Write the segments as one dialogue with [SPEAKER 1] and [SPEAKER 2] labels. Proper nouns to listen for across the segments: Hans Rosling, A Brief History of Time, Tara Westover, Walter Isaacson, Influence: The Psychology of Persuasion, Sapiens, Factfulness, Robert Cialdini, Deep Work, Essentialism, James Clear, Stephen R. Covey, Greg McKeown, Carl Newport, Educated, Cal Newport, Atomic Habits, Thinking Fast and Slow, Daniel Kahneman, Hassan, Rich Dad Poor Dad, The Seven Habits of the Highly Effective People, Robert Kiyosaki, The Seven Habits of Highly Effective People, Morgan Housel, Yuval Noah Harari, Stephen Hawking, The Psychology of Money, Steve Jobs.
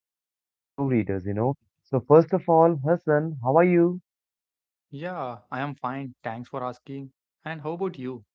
[SPEAKER 1] books for new readers. So first of all, Hassan, how are you?
[SPEAKER 2] Yeah, I am fine. Thanks for asking. And how about you?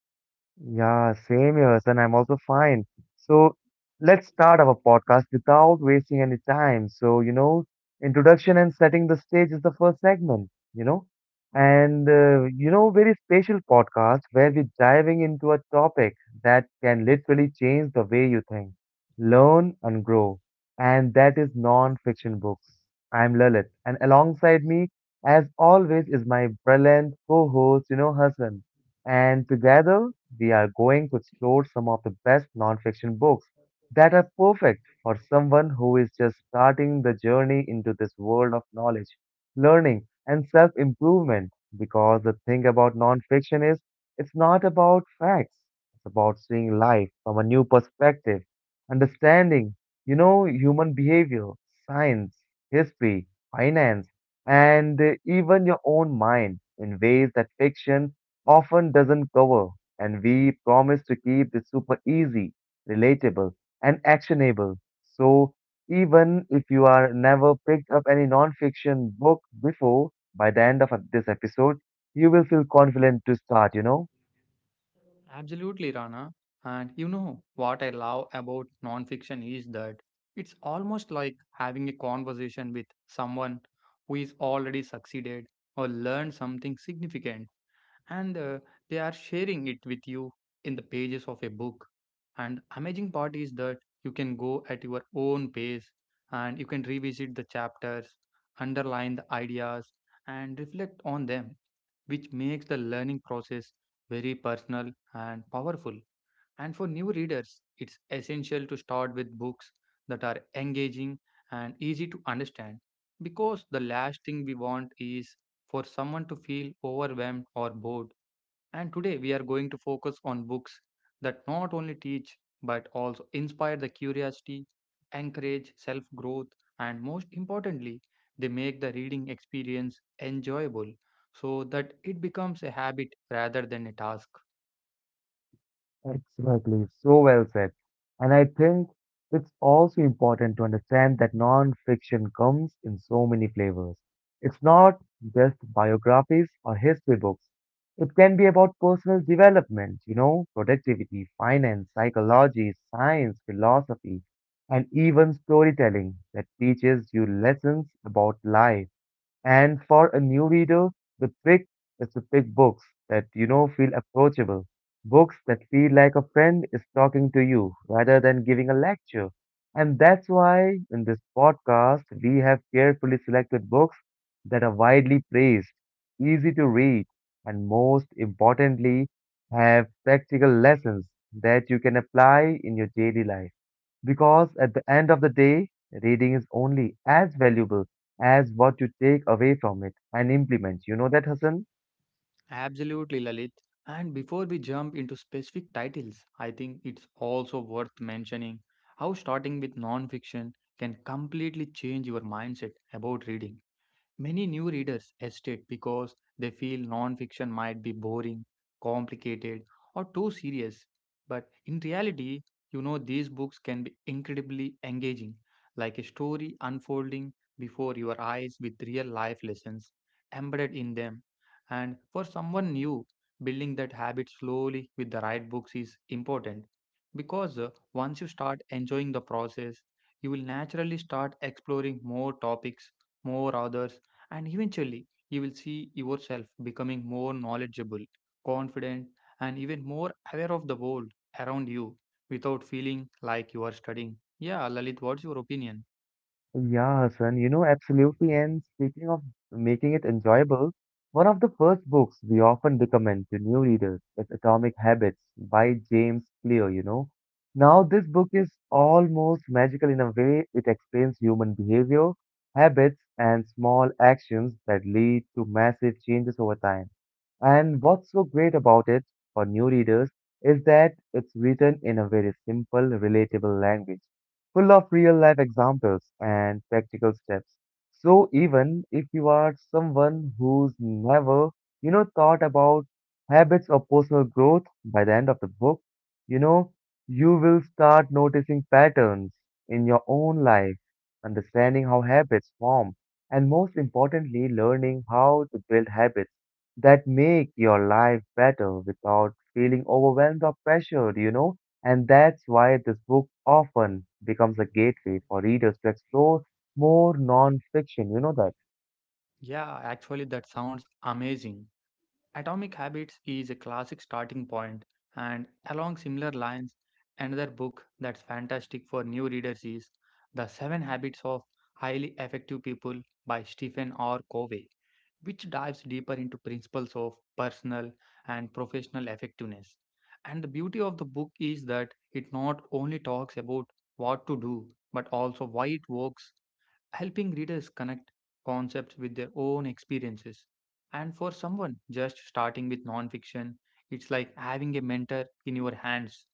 [SPEAKER 1] Yeah, same here, and I'm also fine. So let's start our podcast without wasting any time. So, introduction and setting the stage is the first segment, and very special podcast where we're diving into a topic that can literally change the way you think, learn and grow. And that is non-fiction books. I'm Lalit, and alongside me, as always, is my brilliant co-host, Hassan. And together, we are going to explore some of the best nonfiction books that are perfect for someone who is just starting the journey into this world of knowledge, learning, and self improvement. Because the thing about nonfiction is, it's not about facts, it's about seeing life from a new perspective, understanding, human behavior, science, history, finance, and even your own mind in ways that fiction often doesn't cover, and we promise to keep this super easy, relatable, and actionable. So, even if you are never picked up any non-fiction book before, by the end of this episode, you will feel confident to start.
[SPEAKER 2] Absolutely, Rana. And you know what I love about nonfiction is that it's almost like having a conversation with someone who is already succeeded or learned something significant. And they are sharing it with you in the pages of a book, and amazing part is that you can go at your own pace, and you can revisit the chapters, underline the ideas, and reflect on them, which makes the learning process very personal and powerful. And for new readers, it's essential to start with books that are engaging and easy to understand, because the last thing we want is for someone to feel overwhelmed or bored. And today we are going to focus on books that not only teach but also inspire the curiosity, encourage self growth, and most importantly, they make the reading experience enjoyable so that it becomes a habit rather than a task.
[SPEAKER 1] Exactly, so well said. And I think it's also important to understand that non-fiction comes in so many flavors. It's not just biographies or history books. It can be about personal development, productivity, finance, psychology, science, philosophy, and even storytelling that teaches you lessons about life. And for a new reader, the trick is to pick books that feel approachable, books that feel like a friend is talking to you rather than giving a lecture. And that's why in this podcast, we have carefully selected books that are widely praised, easy to read, and most importantly, have practical lessons that you can apply in your daily life. Because at the end of the day, reading is only as valuable as what you take away from it and implement. You know that, Hassan?
[SPEAKER 2] Absolutely, Lalit. And before we jump into specific titles, I think it's also worth mentioning how starting with non fiction can completely change your mindset about reading. Many new readers hesitate because they feel non-fiction might be boring, complicated, or too serious. But in reality, you know, these books can be incredibly engaging, like a story unfolding before your eyes with real life lessons embedded in them. And for someone new, building that habit slowly with the right books is important, because once you start enjoying the process, you will naturally start exploring more topics, more authors, and eventually, you will see yourself becoming more knowledgeable, confident, and even more aware of the world around you without feeling like you are studying. Yeah, Lalit, what's your opinion?
[SPEAKER 1] Yeah, Hassan, absolutely. And speaking of making it enjoyable, one of the first books we often recommend to new readers is Atomic Habits by James Clear. Now, this book is almost magical in a way it explains human behavior, habits, and small actions that lead to massive changes over time. And what's so great about it for new readers is that it's written in a very simple, relatable language full of real life examples and practical steps. So even if you are someone who's never, thought about habits or personal growth, by the end of the book, you know, you will start noticing patterns in your own life, understanding how habits form, and most importantly, learning how to build habits that make your life better without feeling overwhelmed or pressured, and that's why this book often becomes a gateway for readers to explore more non-fiction. You know that?
[SPEAKER 2] Yeah, actually, that sounds amazing. Atomic Habits is a classic starting point, and along similar lines, another book that's fantastic for new readers is The Seven Habits of Highly Effective People by Stephen R. Covey, which dives deeper into principles of personal and professional effectiveness. And the beauty of the book is that it not only talks about what to do, but also why it works, helping readers connect concepts with their own experiences. And for someone just starting with nonfiction, it's like having a mentor in your hands,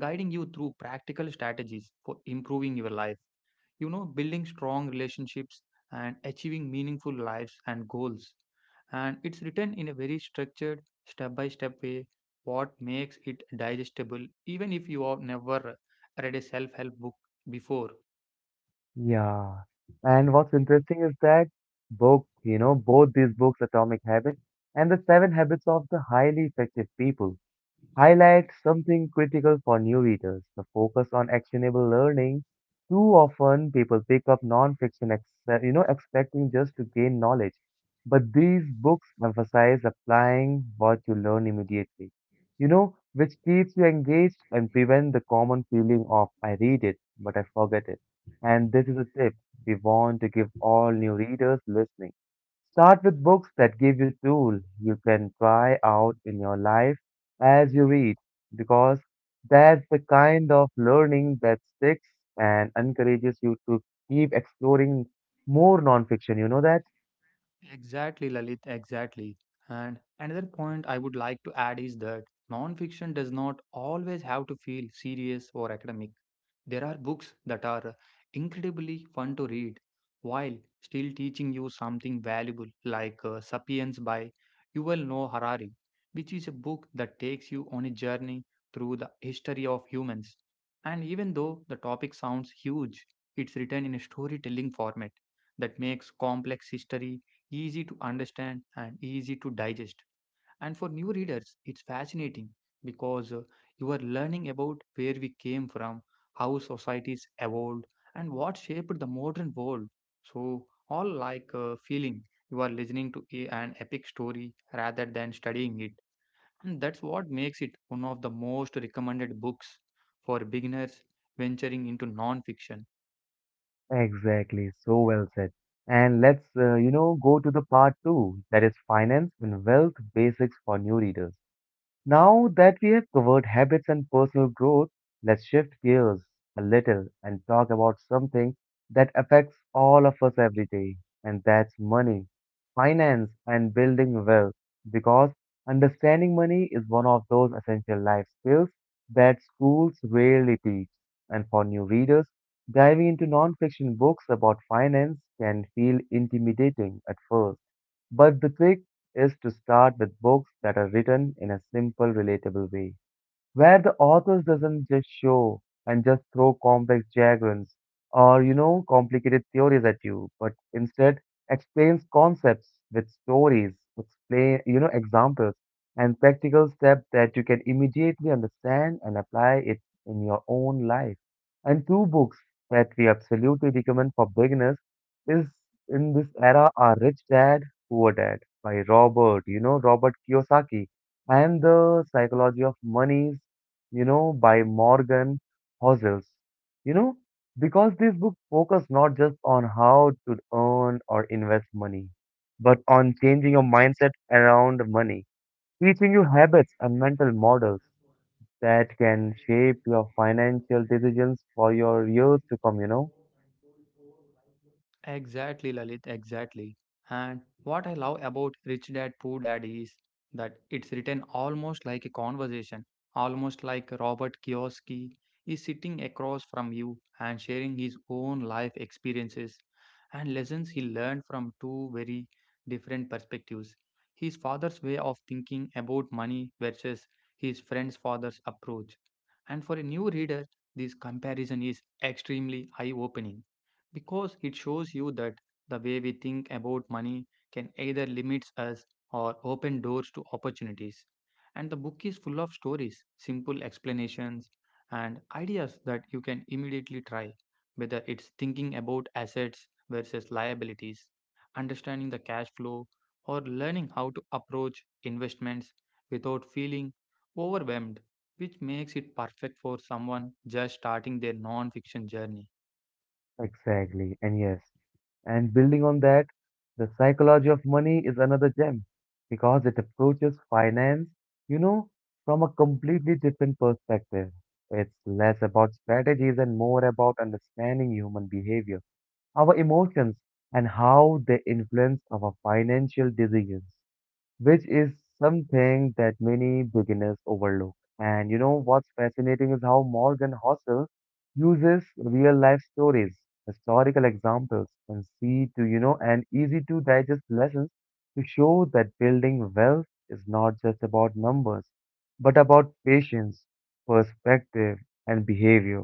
[SPEAKER 2] guiding you through practical strategies for improving your life, you know, building strong relationships and achieving meaningful lives and goals. And it's written in a very structured step by step way, what makes it digestible even if you have never read a self help book before.
[SPEAKER 1] Yeah. And what's interesting is that both these books, Atomic Habits and The Seven Habits of the Highly Effective People, highlight something critical for new readers: the focus on actionable learning. Too often people pick up non-fiction, expecting just to gain knowledge, but these books emphasize applying what you learn immediately, which keeps you engaged and prevent the common feeling of "I read it but I forget it." And this is a tip we want to give all new readers listening: start with books that give you tools you can try out in your life as you read, because that's the kind of learning that sticks and encourages you to keep exploring more nonfiction. You know that?
[SPEAKER 2] Exactly, Lalit, exactly. And another point I would like to add is that non fiction does not always have to feel serious or academic. There are books that are incredibly fun to read while still teaching you something valuable, like Sapiens by Yuval Noah Harari, which is a book that takes you on a journey through the history of humans. And even though the topic sounds huge, it's written in a storytelling format that makes complex history easy to understand and easy to digest. And for new readers, it's fascinating because you are learning about where we came from, how societies evolved, and what shaped the modern world. So, all like feeling you are listening to a, an epic story rather than studying it. And that's what makes it one of the most recommended books for beginners venturing into non fiction.
[SPEAKER 1] Exactly. So well said. And let's go to the part two, that is finance and wealth basics for new readers. Now that we have covered habits and personal growth, let's shift gears a little and talk about something that affects all of us every day, and that's money, finance, and building wealth. Because understanding money is one of those essential life skills that schools rarely teach. And for new readers, diving into non-fiction books about finance can feel intimidating at first. But the trick is to start with books that are written in a simple, relatable way, where the authors doesn't just show and just throw complex diagrams or complicated theories at you, but instead explains concepts with stories, explain examples, and practical steps that you can immediately understand and apply it in your own life. And two books that we absolutely recommend for beginners is in this era are Rich Dad Poor Dad by robert you know Robert Kiyosaki and The Psychology of Money, by Morgan Housels. You know, because these books focus not just on how to earn or invest money, but on changing your mindset around money, teaching you habits and mental models that can shape your financial decisions for your years to come.
[SPEAKER 2] Exactly, Lalit, exactly. And what I love about Rich Dad Poor Dad is that it's written almost like a conversation, almost like Robert Kiyosaki is sitting across from you and sharing his own life experiences and lessons he learned from two very different perspectives. His father's way of thinking about money versus his friend's father's approach. And for a new reader, this comparison is extremely eye opening because it shows you that the way we think about money can either limit us or open doors to opportunities. And the book is full of stories, simple explanations, and ideas that you can immediately try, whether it's thinking about assets versus liabilities, understanding the cash flow, or learning how to approach investments without feeling overwhelmed, which makes it perfect for someone just starting their non-fiction journey.
[SPEAKER 1] Exactly, and yes. And building on that, the Psychology of Money is another gem because it approaches finance, you know, from a completely different perspective. It's less about strategies and more about understanding human behavior, our emotions, and how they influence our financial decisions, which is something that many beginners overlook. And you know what's fascinating is how Morgan Housel uses real life stories, historical examples, and see to, you know, and easy to digest lessons to show that building wealth is not just about numbers, but about patience, perspective, and behavior.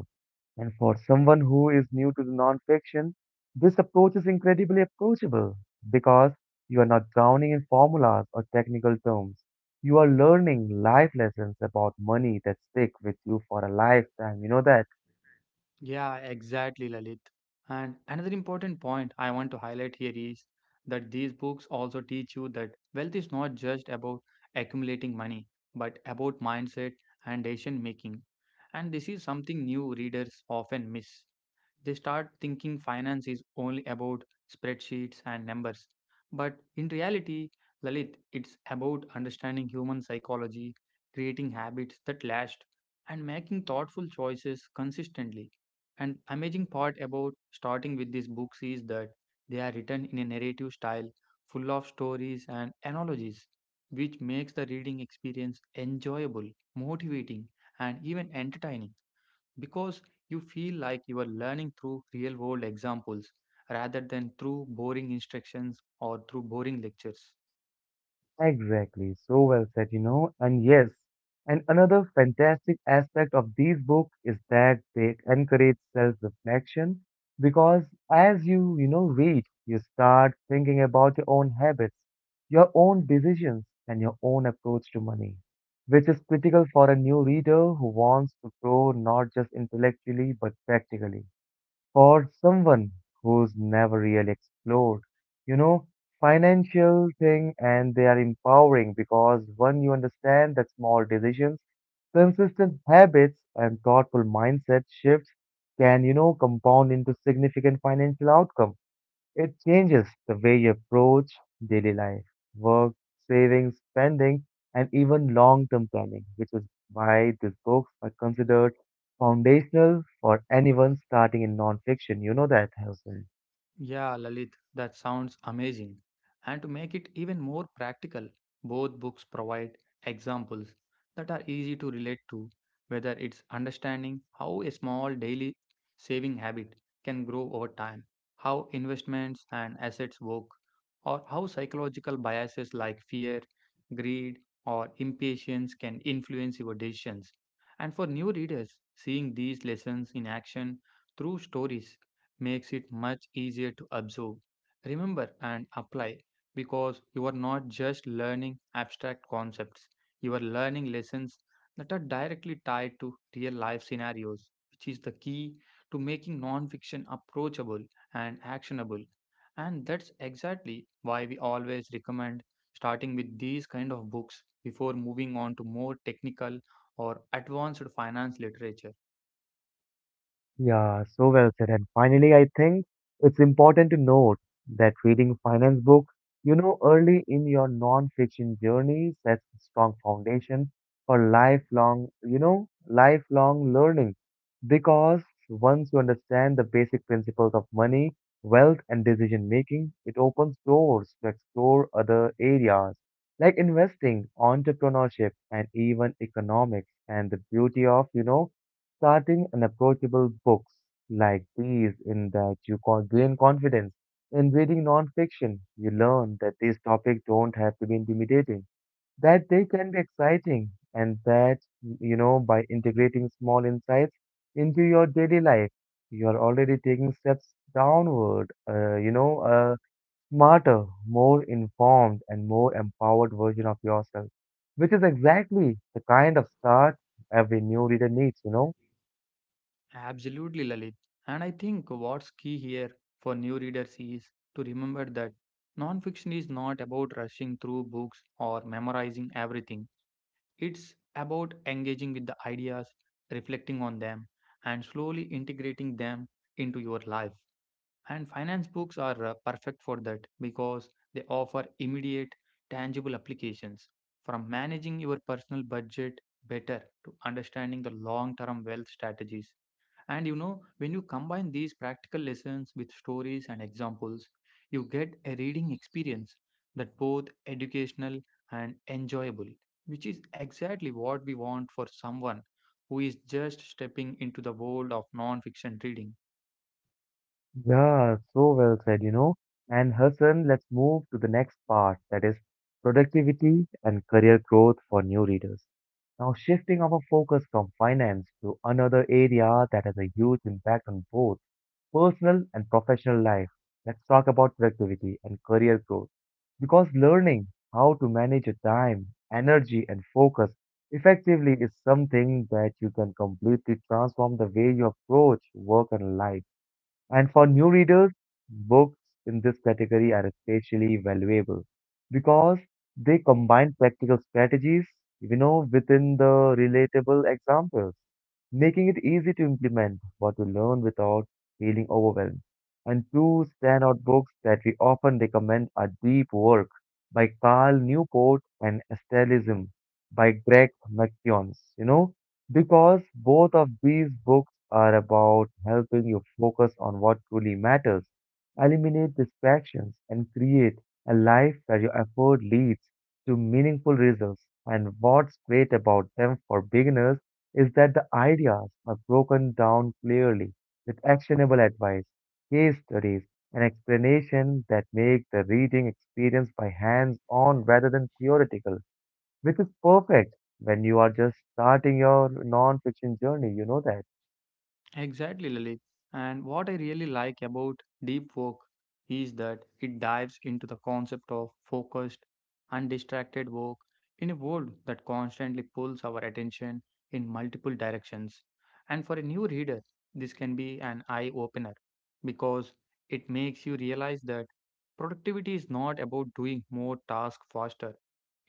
[SPEAKER 1] And for someone who is new to the nonfiction, this approach is incredibly approachable because you are not drowning in formulas or technical terms. You are learning life lessons about money that stick with you for a lifetime. You know that?
[SPEAKER 2] Yeah, exactly, Lalit. And another important point I want to highlight here is that these books also teach you that wealth is not just about accumulating money, but about mindset and decision making. And this is something new readers often miss. They start thinking finance is only about spreadsheets and numbers. But in reality, Lalit, it's about understanding human psychology, creating habits that last, and making thoughtful choices consistently. And amazing part about starting with these books is that they are written in a narrative style full of stories and analogies, which makes the reading experience enjoyable, motivating, and even entertaining, because you feel like you are learning through real world examples rather than through boring instructions or through boring lectures.
[SPEAKER 1] Exactly, so well said. And yes, and another fantastic aspect of these books is that they encourage self-reflection because as you read, you start thinking about your own habits, your own decisions, and your own approach to money, which is critical for a new reader who wants to grow not just intellectually but practically, for someone who's never really explored, you know, financial thing, and they are empowering because when you understand that small decisions, consistent habits and thoughtful mindset shifts can compound into significant financial outcomes. It changes the way you approach daily life, work, savings, spending, and even long term planning, which is why these books are considered foundational for anyone starting in non fiction. You know that, Harrison.
[SPEAKER 2] Yeah, Lalit, that sounds amazing. And to make it even more practical, both books provide examples that are easy to relate to, whether it's understanding how a small daily saving habit can grow over time, how investments and assets work, or how psychological biases like fear, greed, or impatience can influence your decisions. And for new readers, seeing these lessons in action through stories makes it much easier to absorb, remember, and apply, because you are not just learning abstract concepts, you are learning lessons that are directly tied to real life scenarios, which is the key to making nonfiction approachable and actionable. And that's exactly why we always recommend starting with these kind of books before moving on to more technical or advanced finance literature.
[SPEAKER 1] Yeah, so well said. And finally, I think it's important to note that reading finance books, early in your non-fiction journey sets a strong foundation for lifelong learning. Because once you understand the basic principles of money, wealth, and decision making, it opens doors to explore other areas like investing, entrepreneurship, and even economics. And the beauty of starting an approachable books like these in that you can gain confidence. In reading nonfiction, you learn that these topics don't have to be intimidating, that they can be exciting, and that, by integrating small insights into your daily life, you're already taking steps downward, a smarter, more informed, and more empowered version of yourself, which is exactly the kind of start every new reader needs.
[SPEAKER 2] Absolutely, Lalit. And I think what's key here for new readers is to remember that nonfiction is not about rushing through books or memorizing everything. It's about engaging with the ideas, reflecting on them, and slowly integrating them into your life. And finance books are perfect for that because they offer immediate, tangible applications, from managing your personal budget better to understanding the long term wealth strategies. And you know, when you combine these practical lessons with stories and examples, you get a reading experience that both educational and enjoyable, which is exactly what we want for someone who is just stepping into the world of non-fiction reading.
[SPEAKER 1] Yeah, so well said. And Hassan, let's move to the next part, that is productivity and career growth for new readers. Now, shifting our focus from finance to another area that has a huge impact on both personal and professional life. Let's talk about productivity and career growth because learning how to manage your time, energy, and focus effectively is something that you can completely transform the way you approach work and life. And for new readers, books in this category are especially valuable because they combine practical strategies, within the relatable examples, making it easy to implement what you learn without feeling overwhelmed. And two standout books that we often recommend are Deep Work by Carl Newport and Stellism by Greg McKeown. You know, because both of these books are about helping you focus on what truly matters, eliminate distractions, and create a life where your effort leads to meaningful results. And what's great about them for beginners is that the ideas are broken down clearly with actionable advice, case studies, and explanation that make the reading experience by hands on rather than theoretical, which is perfect when you are just starting your non-fiction journey, you know that.
[SPEAKER 2] Exactly, Lalit. And what I really like about deep work is that it dives into the concept of focused, undistracted work in a world that constantly pulls our attention in multiple directions. And for a new reader, this can be an eye opener because it makes you realize that productivity is not about doing more tasks faster,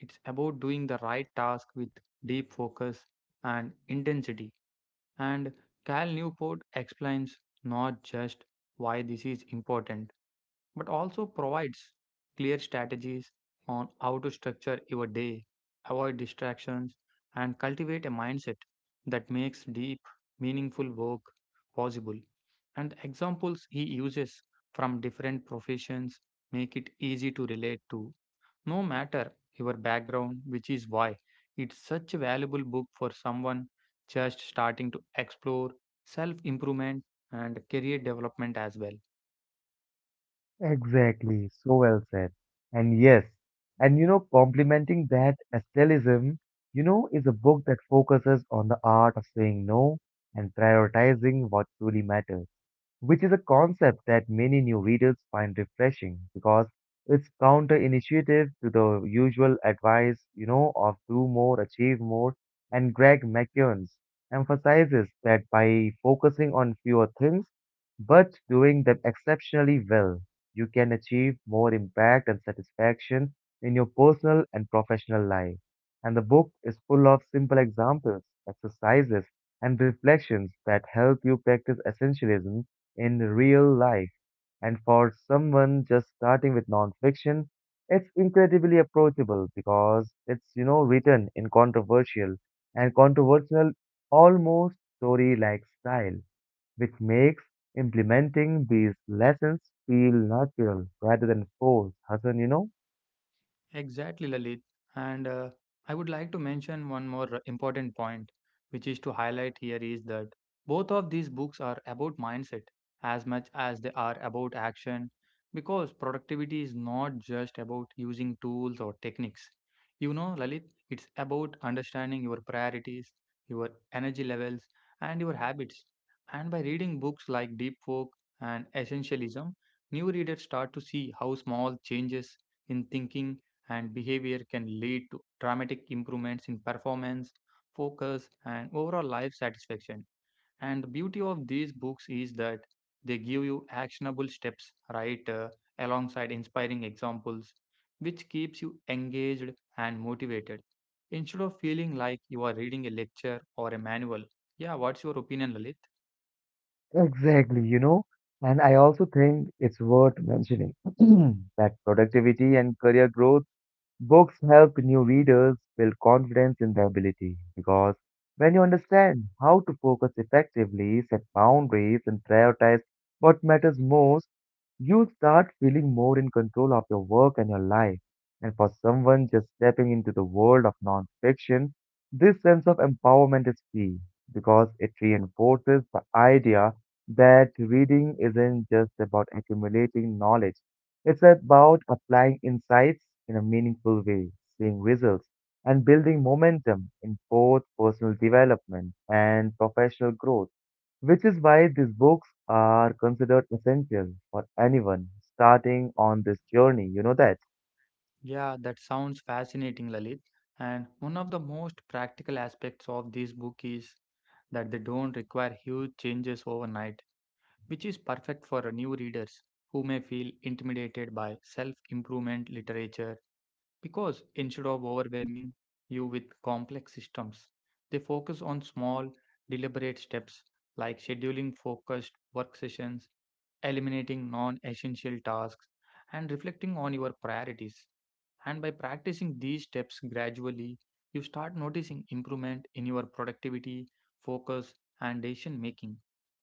[SPEAKER 2] it's about doing the right task with deep focus and intensity. And Cal Newport explains not just why this is important, but also provides clear strategies on how to structure your day, avoid distractions, and cultivate a mindset that makes deep, meaningful work possible. And the examples he uses from different professions make it easy to relate to no matter your background, which is why it's such a valuable book for someone just starting to explore self improvement and career development as well.
[SPEAKER 1] Exactly, so well said. And yes, and complementing that aesthetism, is a book that focuses on the art of saying no and prioritizing what truly matters. Which is a concept that many new readers find refreshing because it's counter-initiative to the usual advice, of do more, achieve more. And Greg McKeown emphasizes that by focusing on fewer things but doing them exceptionally well, you can achieve more impact and satisfaction in your personal and professional life. And the book is full of simple examples, exercises, and reflections that help you practice essentialism in real life. And for someone just starting with nonfiction, it's incredibly approachable because it's written in controversial, almost story-like style, which makes implementing these lessons feel natural rather than forced, Hassan, you know?
[SPEAKER 2] Exactly, Lalit. And I would like to mention one more important point, which is to highlight here is that both of these books are about mindset as much as they are about action, because productivity is not just about using tools or techniques. You know, Lalit, it's about understanding your priorities, your energy levels, and your habits. And by reading books like Deep Work and Essentialism, new readers start to see how small changes in thinking and behavior can lead to dramatic improvements in performance, focus, and overall life satisfaction. And the beauty of these books is that they give you actionable steps right alongside inspiring examples, which keeps you engaged and motivated instead of feeling like you are reading a lecture or a manual. Yeah, what's your opinion, Lalit?
[SPEAKER 1] Exactly, and I also think it's worth mentioning that productivity and career growth books help new readers build confidence in their ability because when you understand how to focus effectively, set boundaries, and prioritize what matters most, you start feeling more in control of your work and your life. And for someone just stepping into the world of nonfiction, this sense of empowerment is key because it reinforces the idea that reading isn't just about accumulating knowledge, it's about applying insights in a meaningful way, seeing results, and building momentum in both personal development and professional growth, which is why these books are considered essential for anyone starting on this journey. You know that?
[SPEAKER 2] Yeah, that sounds fascinating, Lalit. And one of the most practical aspects of this book is that they don't require huge changes overnight, which is perfect for new readers who may feel intimidated by self improvement literature, because instead of overwhelming you with complex systems, they focus on small, deliberate steps like scheduling focused work sessions, eliminating non essential tasks, and reflecting on your priorities. And by practicing these steps gradually, you start noticing improvement in your productivity, focus, and decision making.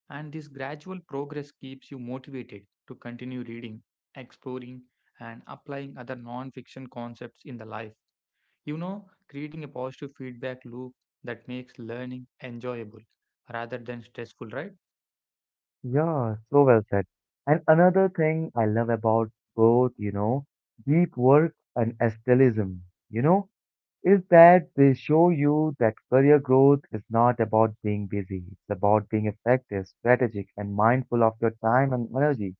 [SPEAKER 2] And this gradual progress keeps you motivated to continue reading, exploring, and applying other non fiction concepts in the life. You know, creating a positive feedback loop that makes learning enjoyable rather than stressful, right?
[SPEAKER 1] Yeah, so well said. And another thing I love about both, deep work and aesthetism, you know, is that they show you that career growth is not about being busy. It's about being effective, strategic, and mindful of your time and energy.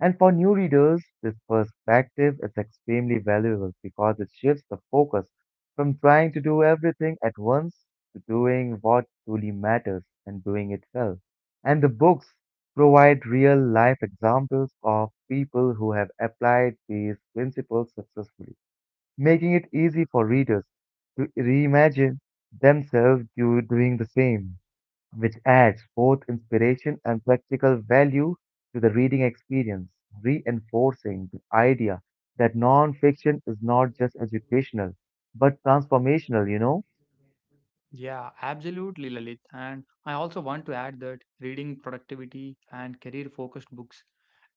[SPEAKER 1] And for new readers, this perspective is extremely valuable because it shifts the focus from trying to do everything at once to doing what truly matters and doing it well. And the books provide real life examples of people who have applied these principles successfully, making it easy for readers to reimagine themselves doing the same, which adds both inspiration and practical value to the reading experience, reinforcing the idea that non-fiction is not just educational, but transformational, you know?
[SPEAKER 2] Yeah, absolutely, Lalit. And I also want to add that reading productivity and career focused books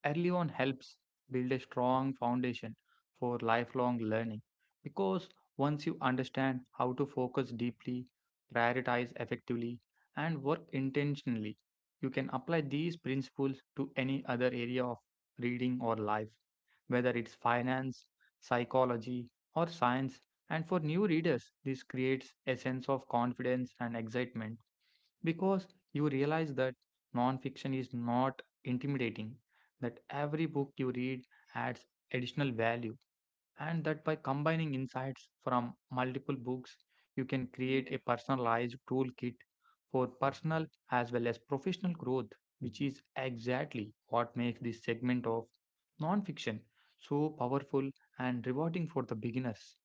[SPEAKER 2] early on helps build a strong foundation for lifelong learning because once you understand how to focus deeply, prioritize effectively, and work intentionally, you can apply these principles to any other area of reading or life, whether it's finance, psychology, or science. And for new readers, this creates a sense of confidence and excitement because you realize that nonfiction is not intimidating, that every book you read adds additional value, and that by combining insights from multiple books, you can create a personalized toolkit for personal as well as professional growth, which is exactly what makes this segment of nonfiction so powerful and rewarding for the beginners.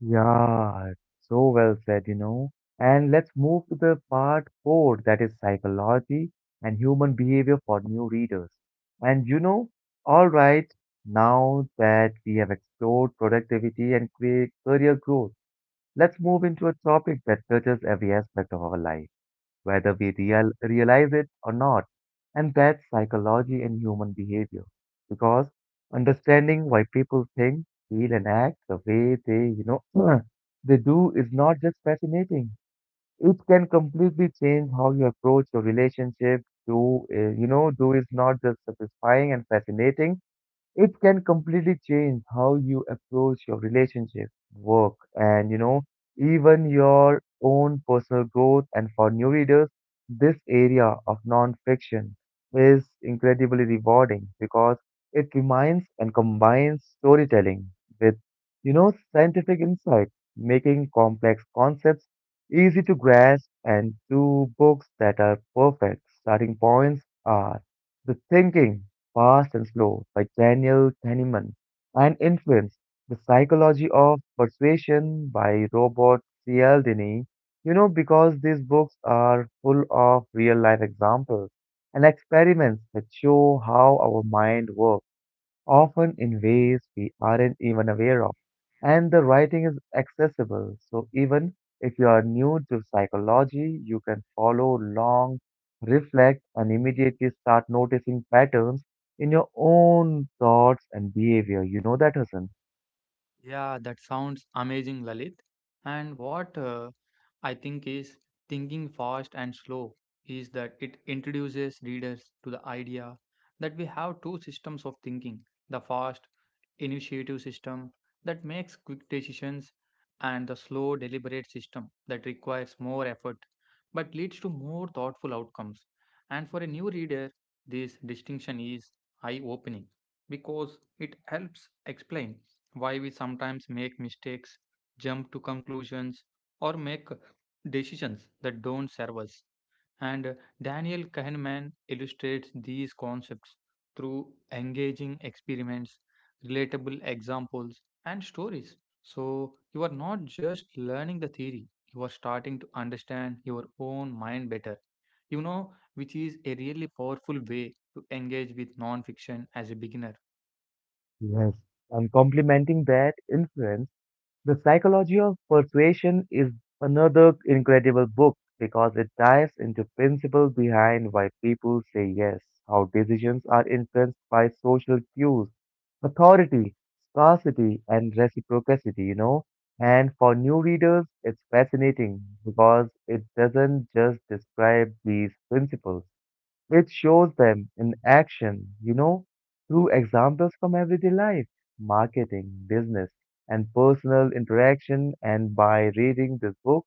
[SPEAKER 1] Yeah, so well said, you know. And let's move to the part four, that is psychology and human behavior for new readers. And all right, now that we have explored productivity and career growth, let's move into a topic that touches every aspect of our life, whether we realize it or not, and that's psychology and human behavior. Because understanding why people think, feel, and act the way they, they do is not just fascinating. It can completely change how you approach your relationship. Do you know? Do is not just satisfying and fascinating, it can completely change how you approach your relationship, work, and even your own personal growth. And for new readers, this area of non-fiction is incredibly rewarding because it combines storytelling with, scientific insight, making complex concepts easy to grasp. And two books that are perfect starting points are The Thinking Fast and Slow by Daniel Kahneman, and Influence, The Psychology of Persuasion by Robert Cialdini. You know, because these books are full of real life examples and experiments that show how our mind works, often in ways we aren't even aware of. And the writing is accessible, so even if you are new to psychology, you can follow along, reflect, and immediately start noticing patterns in your own thoughts and behavior. You know that, Hassan?
[SPEAKER 2] Yeah, that sounds amazing, Lalit. And what I think is, thinking fast and slow is that it introduces readers to the idea that we have two systems of thinking, the fast initiative system that makes quick decisions and the slow deliberate system that requires more effort but leads to more thoughtful outcomes. And for a new reader this distinction is eye opening because it helps explain why we sometimes make mistakes, jump to conclusions, or make decisions that don't serve us. And Daniel Kahneman illustrates these concepts through engaging experiments, relatable examples, and stories. So you are not just learning the theory, you are starting to understand your own mind better. You know, which is a really powerful way to engage with nonfiction as a beginner.
[SPEAKER 1] Yes. And complementing that influence. The Psychology of Persuasion is another incredible book because it dives into principles behind why people say yes, how decisions are influenced by social cues, authority, scarcity, and reciprocity, you know. And for new readers, it's fascinating because it doesn't just describe these principles. It shows them in action, through examples from everyday life, marketing, business, and personal interaction. And by reading this book,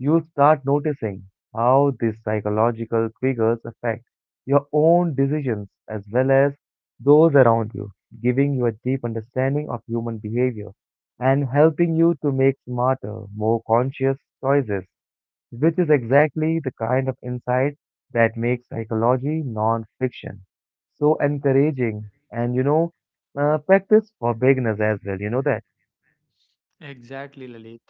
[SPEAKER 1] you'll start noticing how these psychological triggers affect your own decisions as well as those around you, giving you a deep understanding of human behavior and helping you to make smarter, more conscious choices, which is exactly the kind of insight that makes psychology non-fiction so encouraging and practice for beginners as well, you know that.
[SPEAKER 2] Exactly, Lalit.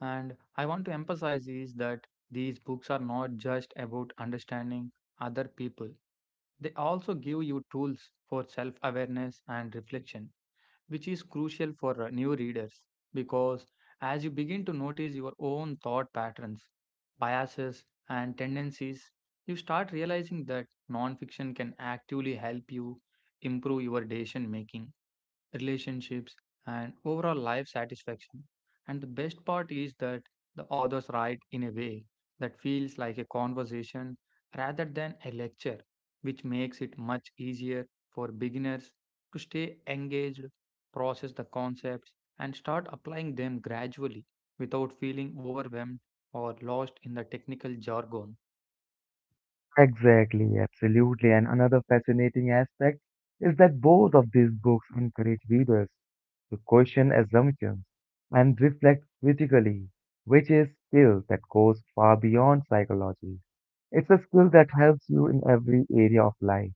[SPEAKER 2] And I want to emphasize is that these books are not just about understanding other people. They also give you tools for self awareness and reflection which is crucial for new readers because as you begin to notice your own thought patterns, biases, and tendencies, you start realizing that nonfiction can actively help you improve your decision making, relationships, and overall life satisfaction. And the best part is that the authors write in a way that feels like a conversation rather than a lecture, which makes it much easier for beginners to stay engaged, process the concepts, and start applying them gradually without feeling overwhelmed or lost in the technical jargon.
[SPEAKER 1] Exactly, absolutely, and another fascinating aspect is that both of these books encourage readers to question assumptions and reflect critically, which is skill that goes far beyond psychology. It's a skill that helps you in every area of life,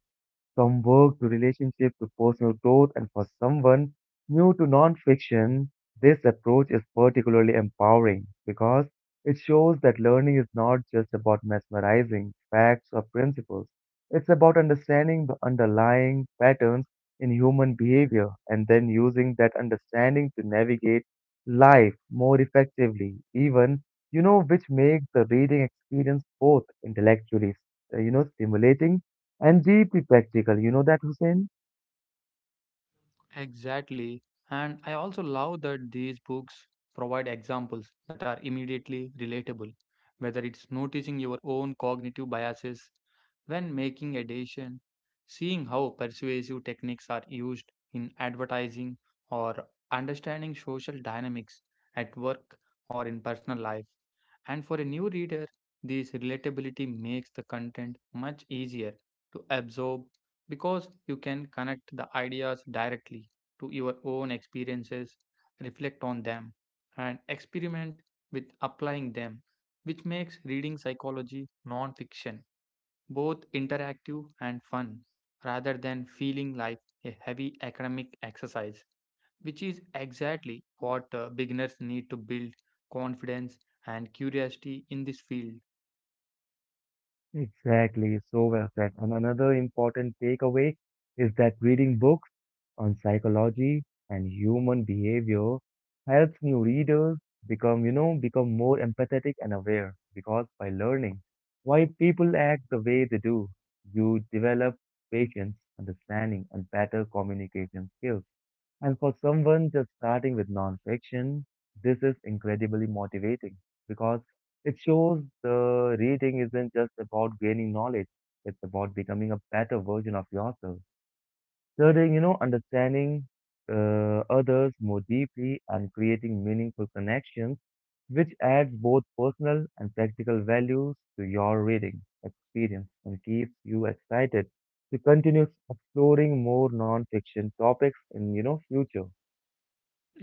[SPEAKER 1] from work to relationship to personal growth. And for someone new to nonfiction, this approach is particularly empowering because it shows that learning is not just about mesmerizing facts or principles. It's about understanding the underlying patterns in human behavior and then using that understanding to navigate life more effectively, even, which makes the reading experience both intellectually, stimulating and deeply practical, you know that, Hussein?
[SPEAKER 2] Exactly. And I also love that these books provide examples that are immediately relatable, whether it's noticing your own cognitive biases when making a decision, seeing how persuasive techniques are used in advertising, or understanding social dynamics at work or in personal life. And for a new reader, this relatability makes the content much easier to absorb because you can connect the ideas directly to your own experiences, reflect on them, and experiment with applying them, which makes reading psychology nonfiction both interactive and fun rather than feeling like a heavy academic exercise, which is exactly what beginners need to build confidence and curiosity in this field.
[SPEAKER 1] Exactly, so well said. And another important takeaway is that reading books on psychology and human behavior helps new readers become more empathetic and aware because by learning why people act the way they do, you develop patience, understanding, and better communication skills. And for someone just starting with nonfiction, this is incredibly motivating because it shows the reading isn't just about gaining knowledge, it's about becoming a better version of yourself. Studying, understanding others more deeply and creating meaningful connections, which adds both personal and practical values to your reading experience and keeps you excited to continue exploring more nonfiction topics in, future.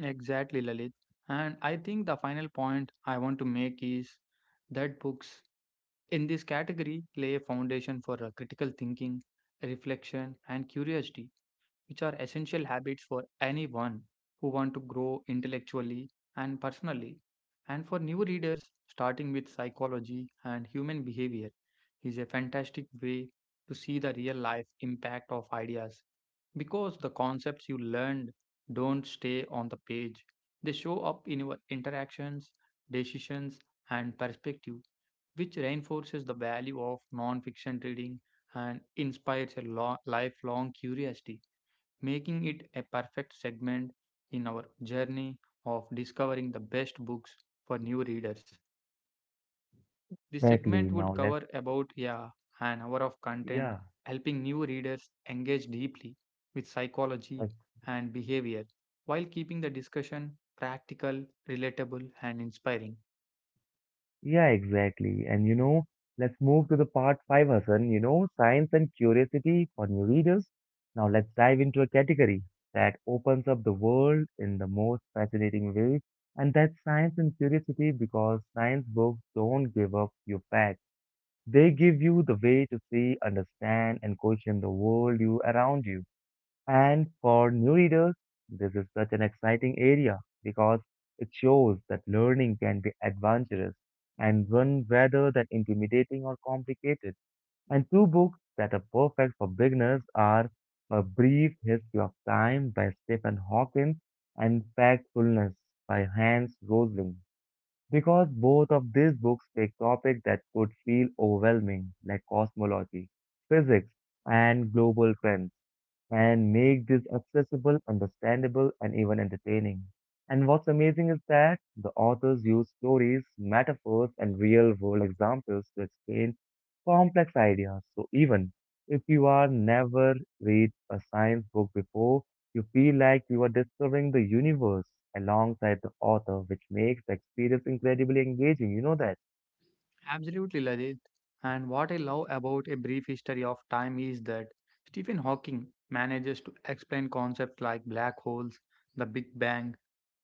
[SPEAKER 2] Exactly, Lalit. And I think the final point I want to make is that books in this category lay a foundation for critical thinking, reflection, and curiosity, which are essential habits for anyone who want to grow intellectually and personally. And for new readers, starting with psychology and human behavior is a fantastic way to see the real life impact of ideas because the concepts you learned don't stay on the page, they show up in your interactions, decisions, and perspective, which reinforces the value of non-fiction reading and inspires a lifelong curiosity, making it a perfect segment in our journey of discovering the best books for new readers. This
[SPEAKER 1] Exactly.
[SPEAKER 2] segment would
[SPEAKER 1] Now let's,
[SPEAKER 2] cover about, yeah, an hour of content,
[SPEAKER 1] yeah,
[SPEAKER 2] helping new readers engage deeply with psychology
[SPEAKER 1] ex-
[SPEAKER 2] and behavior while keeping the discussion practical, relatable, and inspiring.
[SPEAKER 1] Yeah, exactly. And let's move to the part five, Hassan. You know, science and curiosity for new readers. Now let's dive into a category that opens up the world in the most fascinating way, and that's science and curiosity, because science books don't give up your facts. They give you the way to see, understand, and question the world you around you. And for new readers, this is such an exciting area because it shows that learning can be adventurous and fun rather than intimidating or complicated. And two books that are perfect for beginners are A Brief History of Time by Stephen Hawking and Factfulness by Hans Rosling. Because both of these books take topics that could feel overwhelming, like cosmology, physics, and global trends, and make this accessible, understandable, and even entertaining. And what's amazing is that the authors use stories, metaphors, and real world examples to explain complex ideas. So even if you are never read a science book before, you feel like you are discovering the universe alongside the author, which makes the experience incredibly engaging. You know that.
[SPEAKER 2] Absolutely, Ladit. And what I love about A Brief History of Time is that Stephen Hawking manages to explain concepts like black holes, the Big Bang,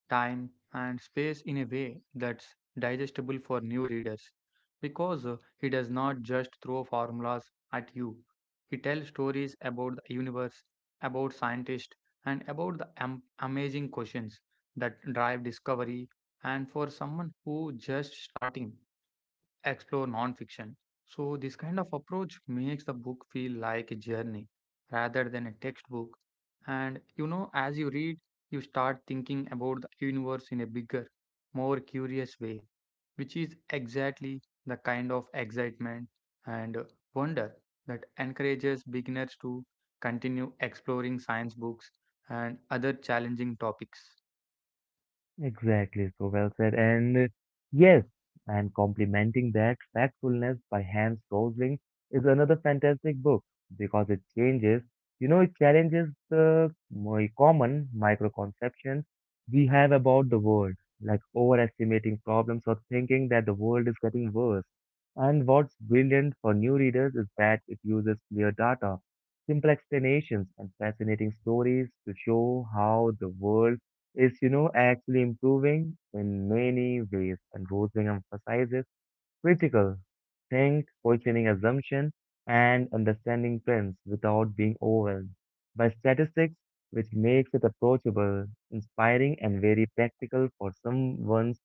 [SPEAKER 2] time, and space in a way that's digestible for new readers. Because he does not just throw formulas at you, he tells stories about the universe, about scientists, and about the amazing questions that drive discovery. And for someone who just starting, explore nonfiction. So, this kind of approach makes the book feel like a journey rather than a textbook. And you know, as you read, you start thinking about the universe in a bigger, more curious way, which is exactly the kind of excitement and wonder that encourages beginners to continue exploring science books and other challenging topics.
[SPEAKER 1] Exactly, so well said. And yes, and complementing that, Factfulness by Hans Rosling is another fantastic book because it changes, you know, it challenges the my common microconceptions we have about the world, like overestimating problems or thinking that the world is getting worse. And what's brilliant for new readers is that it uses clear data, simple explanations, and fascinating stories to show how the world is, actually improving in many ways, and Rosling emphasizes critical questioning assumption, and understanding trends without being overwhelmed by statistics, which makes it approachable, inspiring, and very practical for someone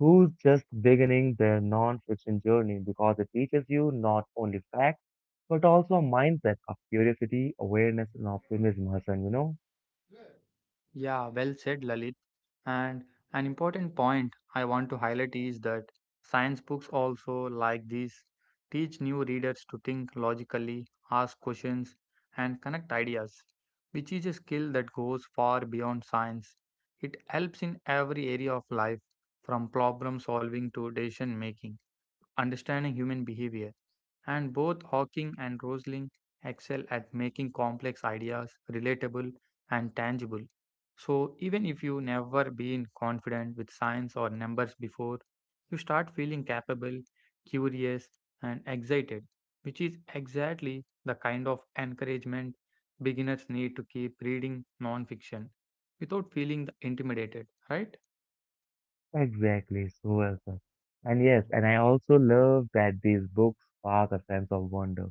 [SPEAKER 1] who's just beginning their non-fiction journey, because it teaches you not only facts, but also a mindset of curiosity, awareness, and optimism, Hassan, you know?
[SPEAKER 2] Yeah, well said, Lalit. And an important point I want to highlight is that science books also, like these, teach new readers to think logically, ask questions, and connect ideas, which is a skill that goes far beyond science. It helps in every area of life, from problem solving to decision making, understanding human behavior, and both Hawking and Rosling excel at making complex ideas relatable and tangible. So, even if you never been confident with science or numbers before, you start feeling capable, curious, and excited, which is exactly the kind of encouragement beginners need to keep reading nonfiction without feeling intimidated, right?
[SPEAKER 1] Exactly, so well said. And yes, and I also love that these books spark a sense of wonder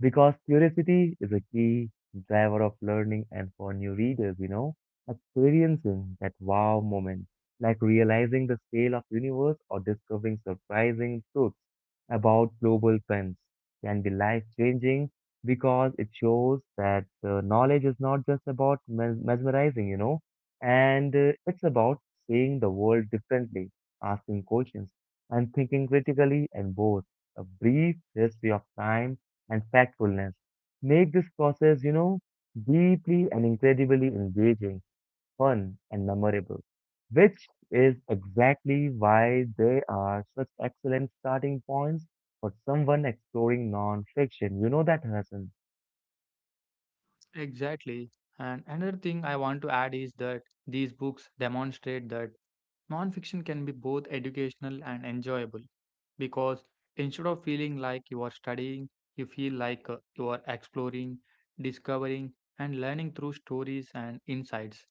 [SPEAKER 1] because curiosity is a key driver of learning. And for new readers, experiencing that wow moment, like realizing the scale of universe or discovering surprising truths about global trends, can be life-changing because it shows that knowledge is not just about mesmerizing, you know, and it's about seeing the world differently, asking questions, and thinking critically. And both A brief history of time and factfulness make this process, deeply and incredibly engaging, fun, and memorable, which is exactly why they are such excellent starting points for someone exploring non-fiction. You know that, Hassan?
[SPEAKER 2] Exactly. And another thing I want to add is that these books demonstrate that nonfiction can be both educational and enjoyable because instead of feeling like you are studying, you feel like you are exploring, discovering, and learning through stories and insights,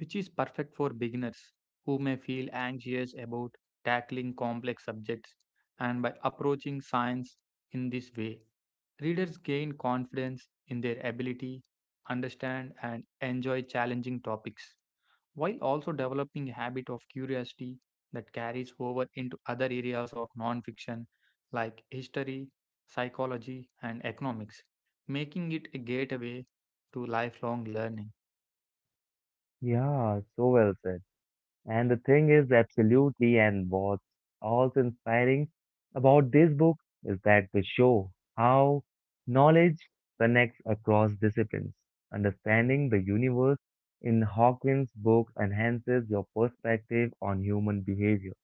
[SPEAKER 2] which is perfect for beginners who may feel anxious about tackling complex subjects. And by approaching science in this way, readers gain confidence in their ability, understand, and enjoy challenging topics while also developing a habit of curiosity that carries over into other areas of nonfiction like history, psychology, and economics, making it a gateway to lifelong learning.
[SPEAKER 1] Yeah, so well said. And the thing is, absolutely, and what's also inspiring about this book is that they show how knowledge connects across disciplines. Understanding the universe in Hawkins' book enhances your perspective on human behavior,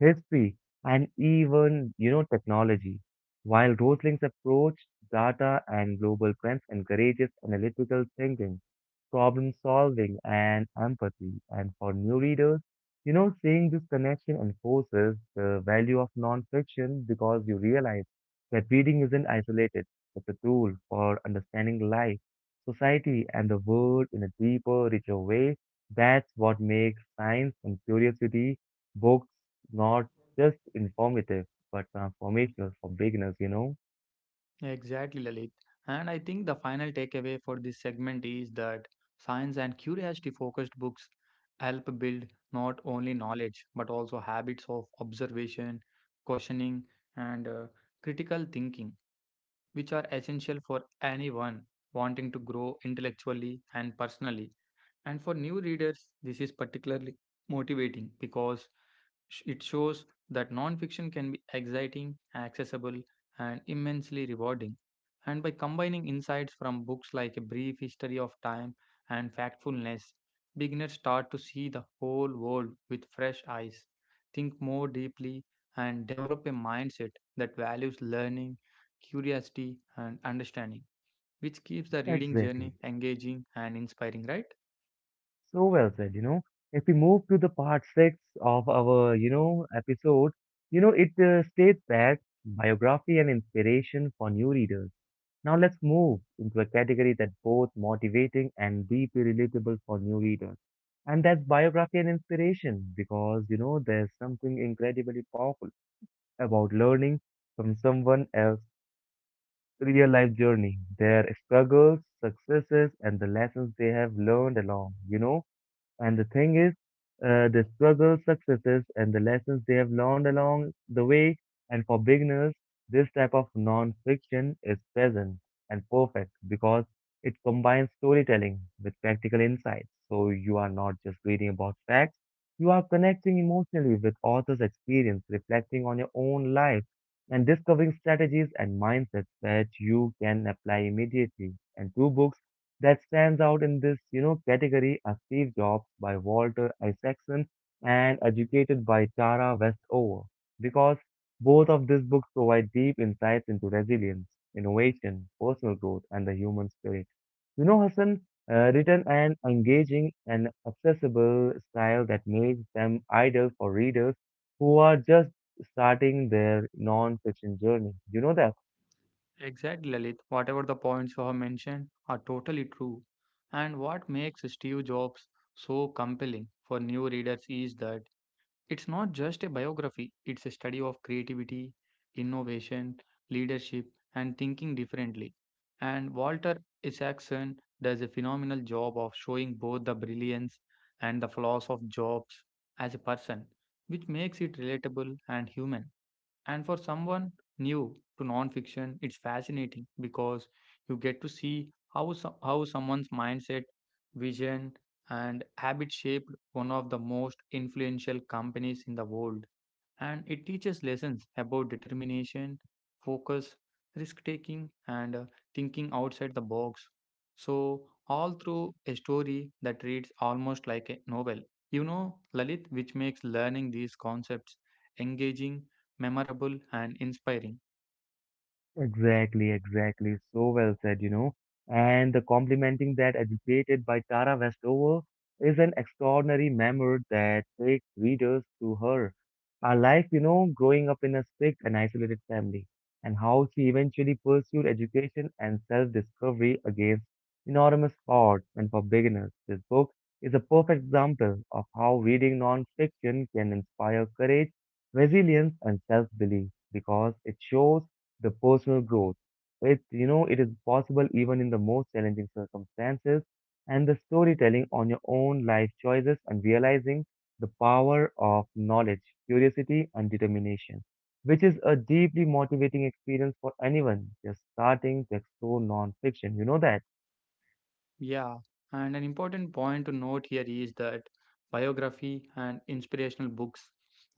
[SPEAKER 1] history, and even, technology. While Rosling's approach, data and global trends encourages analytical thinking, problem solving, and empathy. And for new readers, seeing this connection enforces the value of nonfiction because you realize that reading isn't isolated, it's a tool for understanding life, society, and the world in a deeper, richer way. That's what makes science and curiosity books not just informative but transformational for beginners, you know?
[SPEAKER 2] Exactly, Lalit. And I think the final takeaway for this segment is that science and curiosity focused books help build not only knowledge but also habits of observation, questioning, and critical thinking, which are essential for anyone wanting to grow intellectually and personally. And for new readers, this is particularly motivating because it shows that nonfiction can be exciting, accessible, and immensely rewarding. And by combining insights from books like A Brief History of Time and Factfulness, beginners start to see the whole world with fresh eyes, think more deeply, and develop a mindset that values learning, curiosity, and understanding, which keeps the reading
[SPEAKER 1] Exactly.
[SPEAKER 2] journey engaging and inspiring, right?
[SPEAKER 1] So well said, you know. If we move to the part six of our, episode, it states that biography and inspiration for new readers. Now let's move into a category that's both motivating and deeply relatable for new readers. And that's biography and inspiration because, there's something incredibly powerful about learning from someone else's real life journey, their struggles, successes, and the lessons they have learned along, you know. And the thing is, the struggles, successes, and the lessons they have learned along the way. And for beginners, this type of non fiction is present and perfect because it combines storytelling with practical insights. So you are not just reading about facts, you are connecting emotionally with author's experience, reflecting on your own life, and discovering strategies and mindsets that you can apply immediately. And two books that stands out in this, category are Steve Jobs by Walter Isaacson and Educated by Tara Westover, because both of these books provide deep insights into resilience, innovation, personal growth, and the human spirit. You know, Hassan, written an engaging and accessible style that makes them ideal for readers who are just starting their non-fiction journey. You know that.
[SPEAKER 2] Exactly, Lalit. Whatever the points you have mentioned are totally true. And what makes Steve Jobs so compelling for new readers is that it's not just a biography, it's a study of creativity, innovation, leadership, and thinking differently. And Walter Isaacson does a phenomenal job of showing both the brilliance and the flaws of Jobs as a person, which makes it relatable and human. And for someone new to nonfiction, it's fascinating because you get to see how, how someone's mindset, vision, and habit shaped one of the most influential companies in the world. And it teaches lessons about determination, focus, risk taking, and thinking outside the box. So, all through a story that reads almost like a novel. You know, Lalit, which makes learning these concepts engaging, memorable, and inspiring.
[SPEAKER 1] Exactly, exactly. So well said, you know. And the complementing that educated by Tara Westover is an extraordinary memoir that takes readers through her life, growing up in a strict and isolated family, and how she eventually pursued education and self-discovery against enormous odds. And for beginners, this book is a perfect example of how reading non-fiction can inspire courage, resilience, and self-belief because it shows the personal growth. It is possible even in the most challenging circumstances, and the storytelling on your own life choices and realizing the power of knowledge, curiosity, and determination, which is a deeply motivating experience for anyone just starting to explore non-fiction. You know that.
[SPEAKER 2] Yeah, and an important point to note here is that biography and inspirational books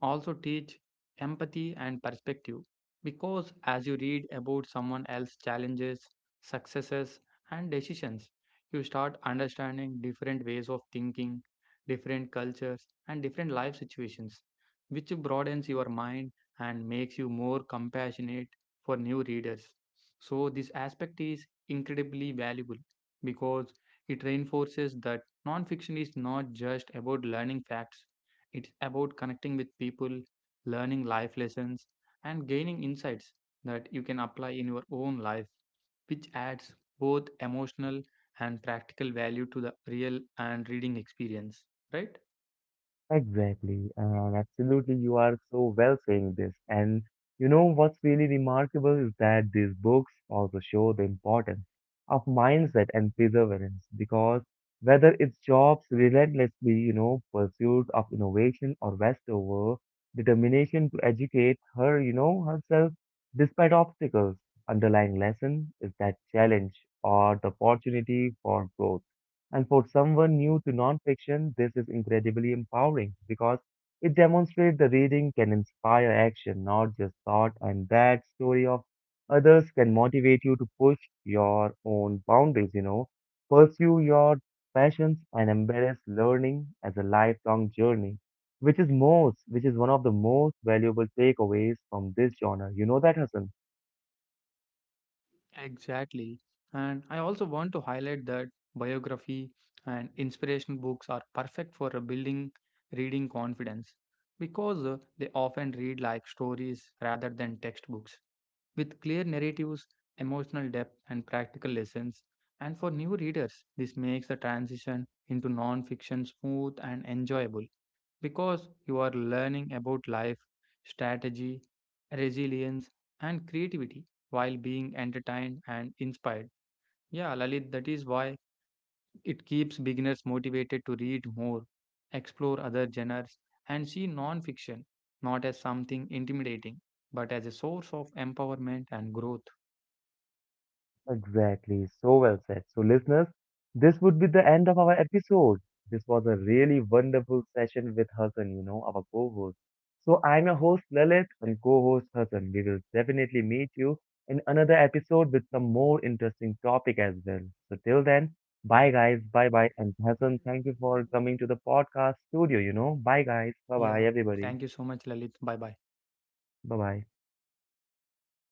[SPEAKER 2] also teach empathy and perspective because as you read about someone else's challenges, successes, and decisions, you start understanding different ways of thinking, different cultures, and different life situations, which broadens your mind and makes you more compassionate for new readers. So, this aspect is incredibly valuable because it reinforces that nonfiction is not just about learning facts, it's about connecting with people, learning life lessons, and gaining insights that you can apply in your own life, which adds both emotional and practical value to the real and reading experience, right?
[SPEAKER 1] Exactly, and absolutely, you are so well saying this. And you know what's really remarkable is that these books also show the importance of mindset and perseverance because whether it's Jobs' relentlessly, pursuit of innovation or Westover determination to educate herself despite obstacles, underlying lesson is that challenge or the opportunity for growth. And for someone new to nonfiction, this is incredibly empowering because it demonstrates the reading can inspire action, not just thought, and that story of others can motivate you to push your own boundaries, pursue your passions and embrace learning as a lifelong journey, which is one of the most valuable takeaways from this genre. You know that, Hassan?
[SPEAKER 2] Exactly. And I also want to highlight that biography and inspirational books are perfect for a building reading confidence because they often read like stories rather than textbooks with clear narratives, emotional depth, and practical lessons. And for new readers, this makes the transition into non fiction smooth and enjoyable because you are learning about life, strategy, resilience, and creativity while being entertained and inspired. Yeah, Lalit, that is why it keeps beginners motivated to read more, explore other genres, and see non fiction not as something intimidating, but as a source of empowerment and growth.
[SPEAKER 1] Exactly. So well said. So, listeners, this would be the end of our episode. This was a really wonderful session with Hassan, our co host. So, I'm your host Lalit and co host Hassan. We will definitely meet you in another episode with some more interesting topic as well. So, till then, bye guys. Bye bye. And Hassan, thank you for coming to the podcast studio, you know. Bye guys. Bye
[SPEAKER 2] Yeah,
[SPEAKER 1] bye, everybody.
[SPEAKER 2] thank you so much, Lalit. Bye bye.
[SPEAKER 1] Bye bye.